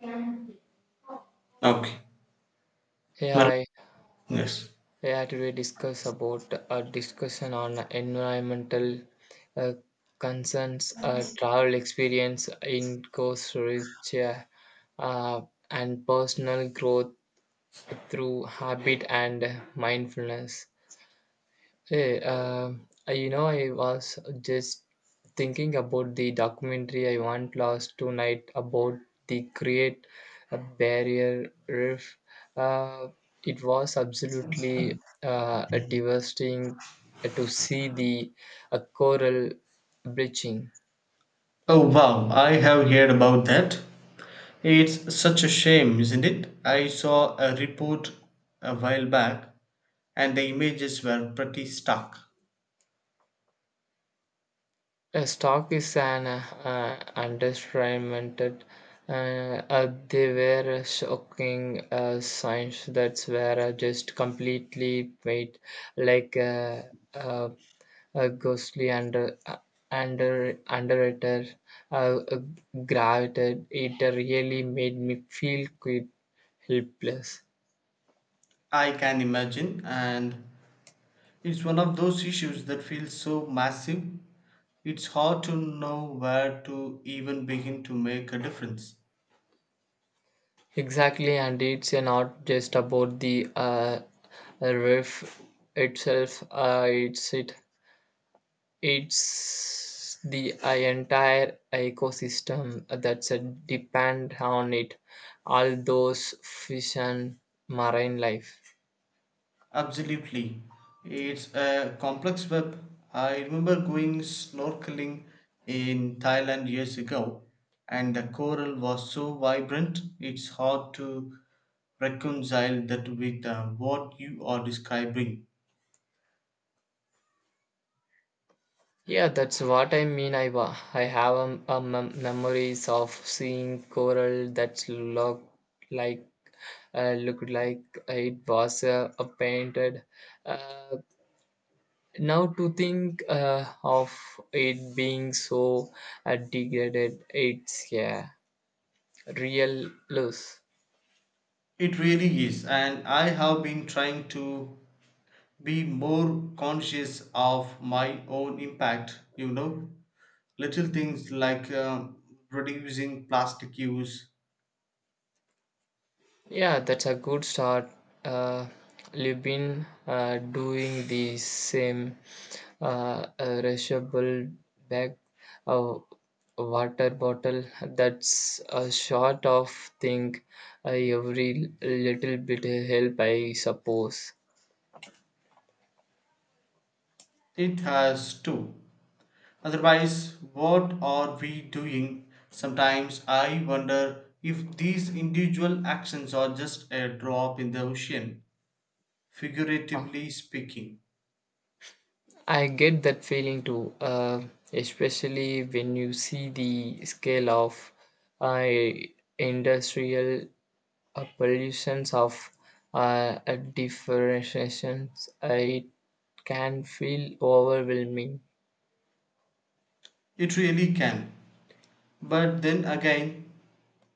Okay. Hey, Mal- hi. Yes. Yeah, today discuss about a discussion on environmental uh, concerns, travel experience in Costa Rica, uh, and personal growth through habit and mindfulness. Hey, I was just thinking about the documentary I watched last tonight about the Great Barrier Reef. Uh, it was absolutely uh, devastating to see the coral bleaching. Oh wow, I have heard about that. It's such a shame, isn't it? I saw a report a while back, and the images were pretty stark. A stock is an understatement. They were a shocking signs that were just completely made like uh, a ghostly underwriter uh, uh, gravitated. It really made me feel quite helpless. I can imagine, and it's one of those issues that feels so massive, it's hard to know where to even begin to make a difference. Exactly, and it's not just about the riff itself. It's the entire ecosystem that's depend on it, all those fish and marine life. Absolutely. It's a complex web. I remember going snorkeling in Thailand years ago, and the coral was so vibrant, it's hard to reconcile that with what you are describing. Yeah, that's what I mean. I have memories of seeing coral that looked like uh, looked like it was painted. Uh, Now to think of it being so degraded, it's yeah. real loss. It really is, and I have been trying to be more conscious of my own impact, you know. Little things like reducing plastic use, Yeah, that's a good start. Uh, you've been doing the same uh, reusable bag, uh, water bottle. That's a sort of thing. Every little bit help, I suppose. it has too. Otherwise, what are we doing? Sometimes I wonder if these individual actions are just a drop in the ocean, figuratively speaking. I get that feeling too, especially when you see the scale of uh, industrial A pollution of a differentiations it can feel overwhelming. It really can. But then again,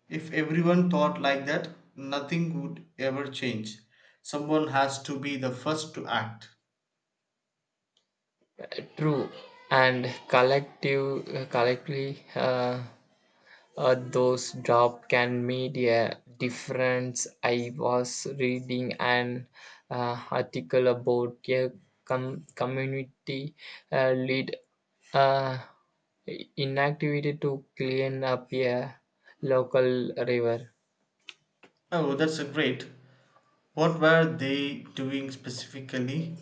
if everyone thought like that, nothing would ever change. Someone has to be the first to act. True, and collectively, those job can make a difference. I was reading an article about a community lead uh, inactivity to clean up a local river. Oh, that's a great. What were they doing specifically?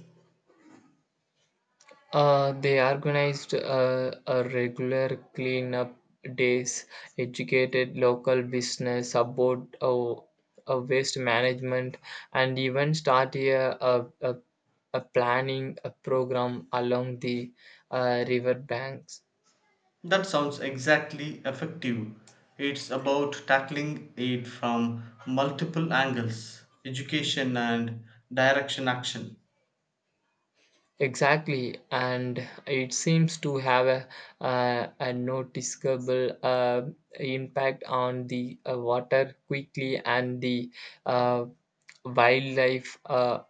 They organized a regular cleanup days, educated local business about waste management, and even start a, a, a, a planning a program along the river banks. That sounds exactly effective. It's about tackling it from multiple angles, education and direction action. Exactly, and it seems to have a noticeable impact on the water quickly and the uh, wildlife. Uh,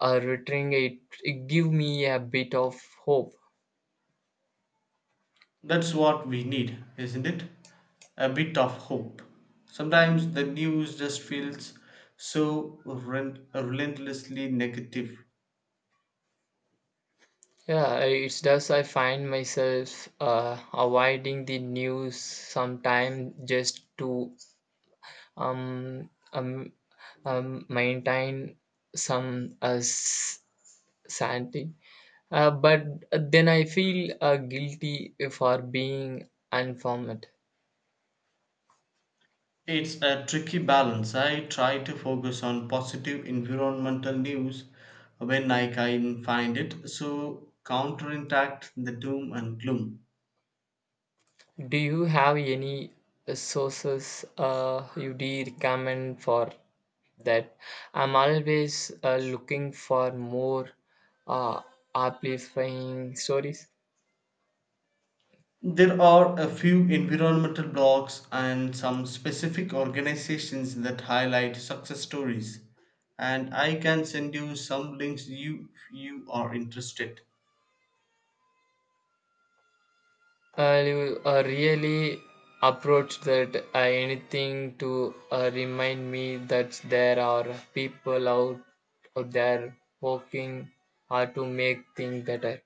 uh, Returning it, it give me a bit of hope. That's what we need, isn't it? A bit of hope. Sometimes the news just feels so relentlessly negative. Yeah, it's does I find myself avoiding the news sometimes just to um, um, maintain some sanity. But then I feel guilty for being informed. It's a tricky balance. I try to focus on positive environmental news when I can find it, so counteract the doom and gloom. Do you have any sources you do recommend for that? I'm always looking for more uh, amplifying stories. There are a few environmental blogs and some specific organizations that highlight success stories, and I can send you some links you are interested. You really approach that anything to remind me that there are people out, out there working hard to make things better.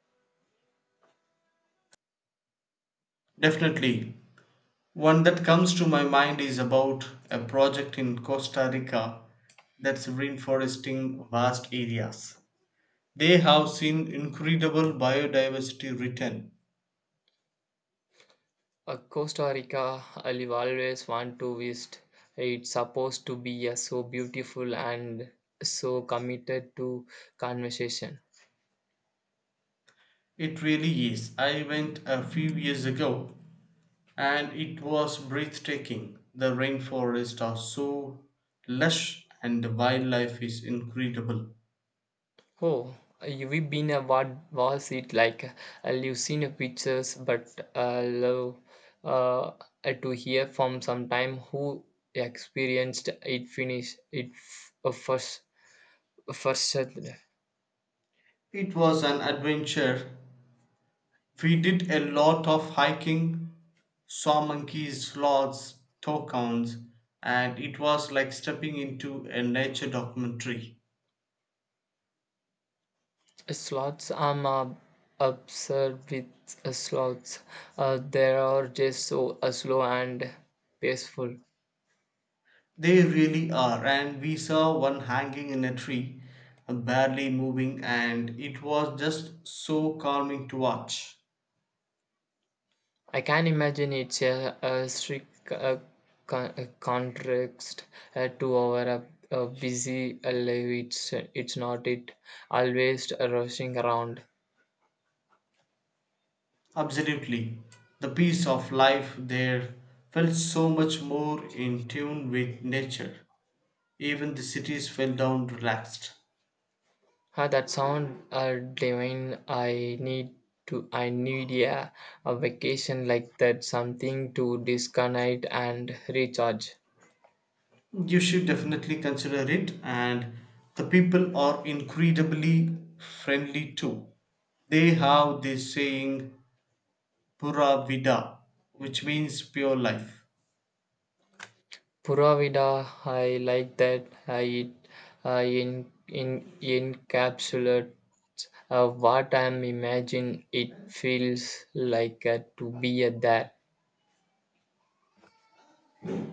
Definitely. One that comes to my mind is about a project in Costa Rica that's reforesting vast areas. They have seen incredible biodiversity return. Costa Rica, I've always want to visit. It's supposed to be so beautiful and so committed to conversation. It really is. I went a few years ago and it was breathtaking. The rainforests are so lush and the wildlife is incredible. Oh, you've been a what was it like? You've seen the pictures, but love uh, to hear from sometime who experienced it. Finish it first. It was an adventure. We did a lot of hiking, saw monkeys, sloths, toucans, and it was like stepping into a nature documentary. Sloths? I'm obsessed with sloths. They are just so slow and peaceful. They really are, and we saw one hanging in a tree, barely moving, and it was just so calming to watch. I can imagine it's a strict contrast to our busy life. It's not it. Always rushing around. Absolutely. The peace of life there felt so much more in tune with nature. Even the cities fell down relaxed. Ah, that sound divine. I need to. I need a vacation like that. Something to disconnect and recharge. You should definitely consider it, and the people are incredibly friendly too. They have this saying, pura vida, which means pure life. Puravida, I like that. It encapsulate. What I'm imagine it feels like to be a that.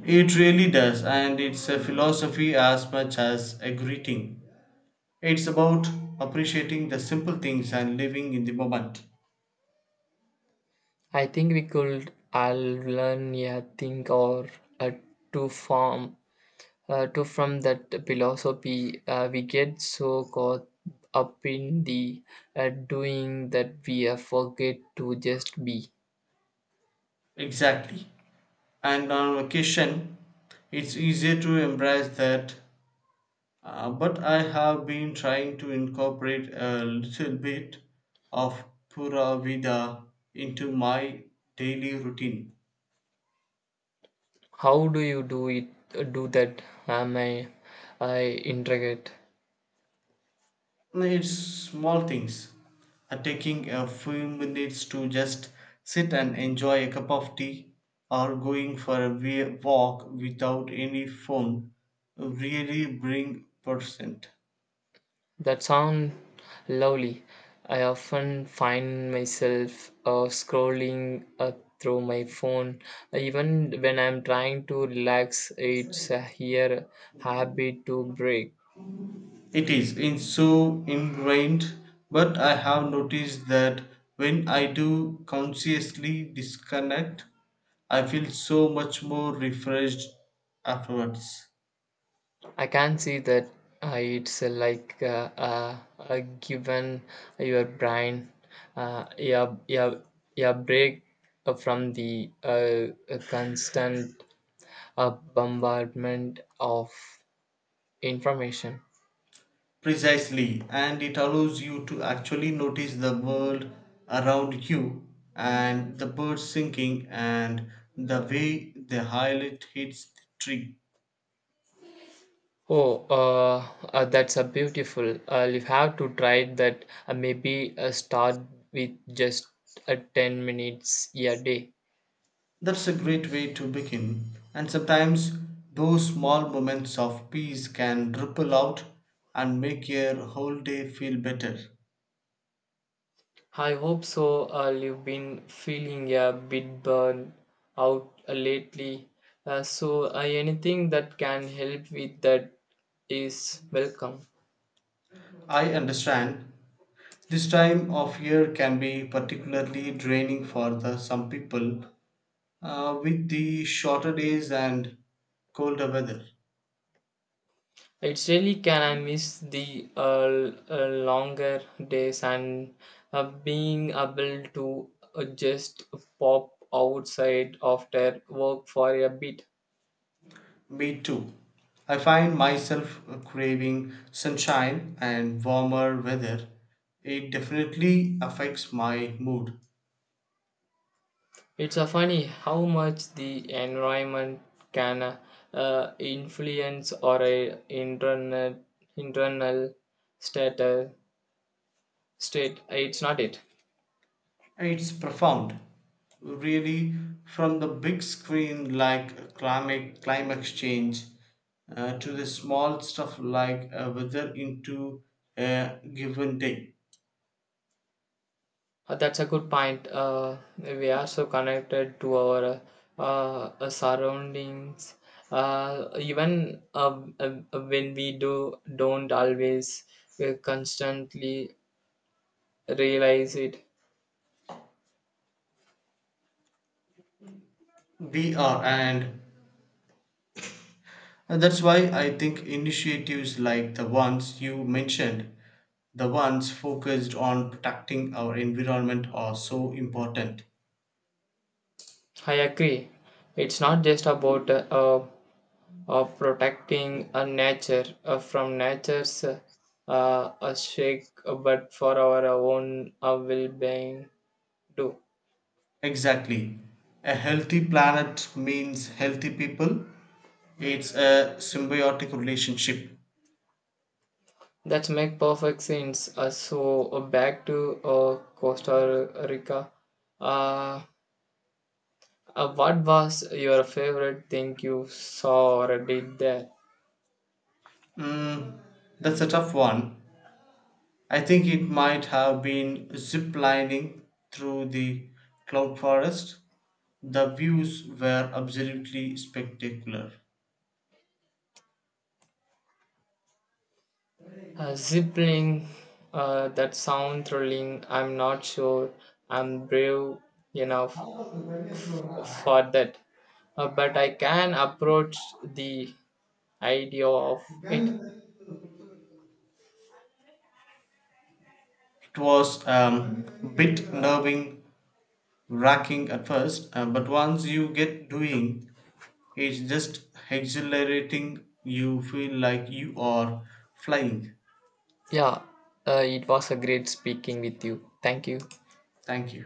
It really does, and it's a philosophy as much as a greeting. It's about appreciating the simple things and living in the moment. I think we could all learn a thing or uh, to form to from that philosophy. We get so caught up in the doing that we forget to just be. Exactly. And on vacation, it's easier to embrace that. But I have been trying to incorporate a little bit of Pura Vida into my daily routine. How do you do it? Do that? I intricate? It's small things. Taking a few minutes to just sit and enjoy a cup of tea or going for a walk without any phone really bring percent. That sound lovely. I often find myself scrolling through my phone, even when I'm trying to relax. It's a here habit to break. It is in so ingrained, but I have noticed that when I do consciously disconnect, I feel so much more refreshed afterwards. I can see that it's like given your brain uh, your, your, your break from the constant bombardment of information. Precisely, and it allows you to actually notice the world around you, and the birds singing and the way the highlight hits the tree. Oh, that's a beautiful. You have to try that. Maybe start with just 10 minutes a day. That's a great way to begin, and sometimes those small moments of peace can ripple out and make your whole day feel better. I hope so. You've been feeling a bit burned out lately. So anything that can help with that is welcome. I understand this time of year can be particularly draining for the, some people with the shorter days and colder weather. It's really can I miss the longer days and being able to just pop outside after work for a bit. Me too. I find myself craving sunshine and warmer weather. It definitely affects my mood. It's a funny how much the environment can influence or a internal state. It's not it. It's profound. Really, from the big screen like climate change to the small stuff like weather into a given day. That's a good point. We are so connected to our surroundings. Even when we do don't always constantly realize it. We are, and that's why I think initiatives like the ones you mentioned, the ones focused on protecting our environment, are so important. I agree. It's not just about of protecting a nature from nature's a shake but for our own well-being do Exactly. A healthy planet means healthy people. It's a symbiotic relationship. that make perfect sense so back to costa rica uh, what was your favorite thing you saw or did there Mm, that's a tough one. I think it might have been ziplining through the cloud forest. The views were absolutely spectacular. Zipping that sound thrilling I'm not sure I'm brave enough for that. But I can approach the idea of it. It was a bit nerve wracking at first, but once you get doing, it's just exhilarating. You feel like you are flying. Yeah, it was a great speaking with you. Thank you. Thank you.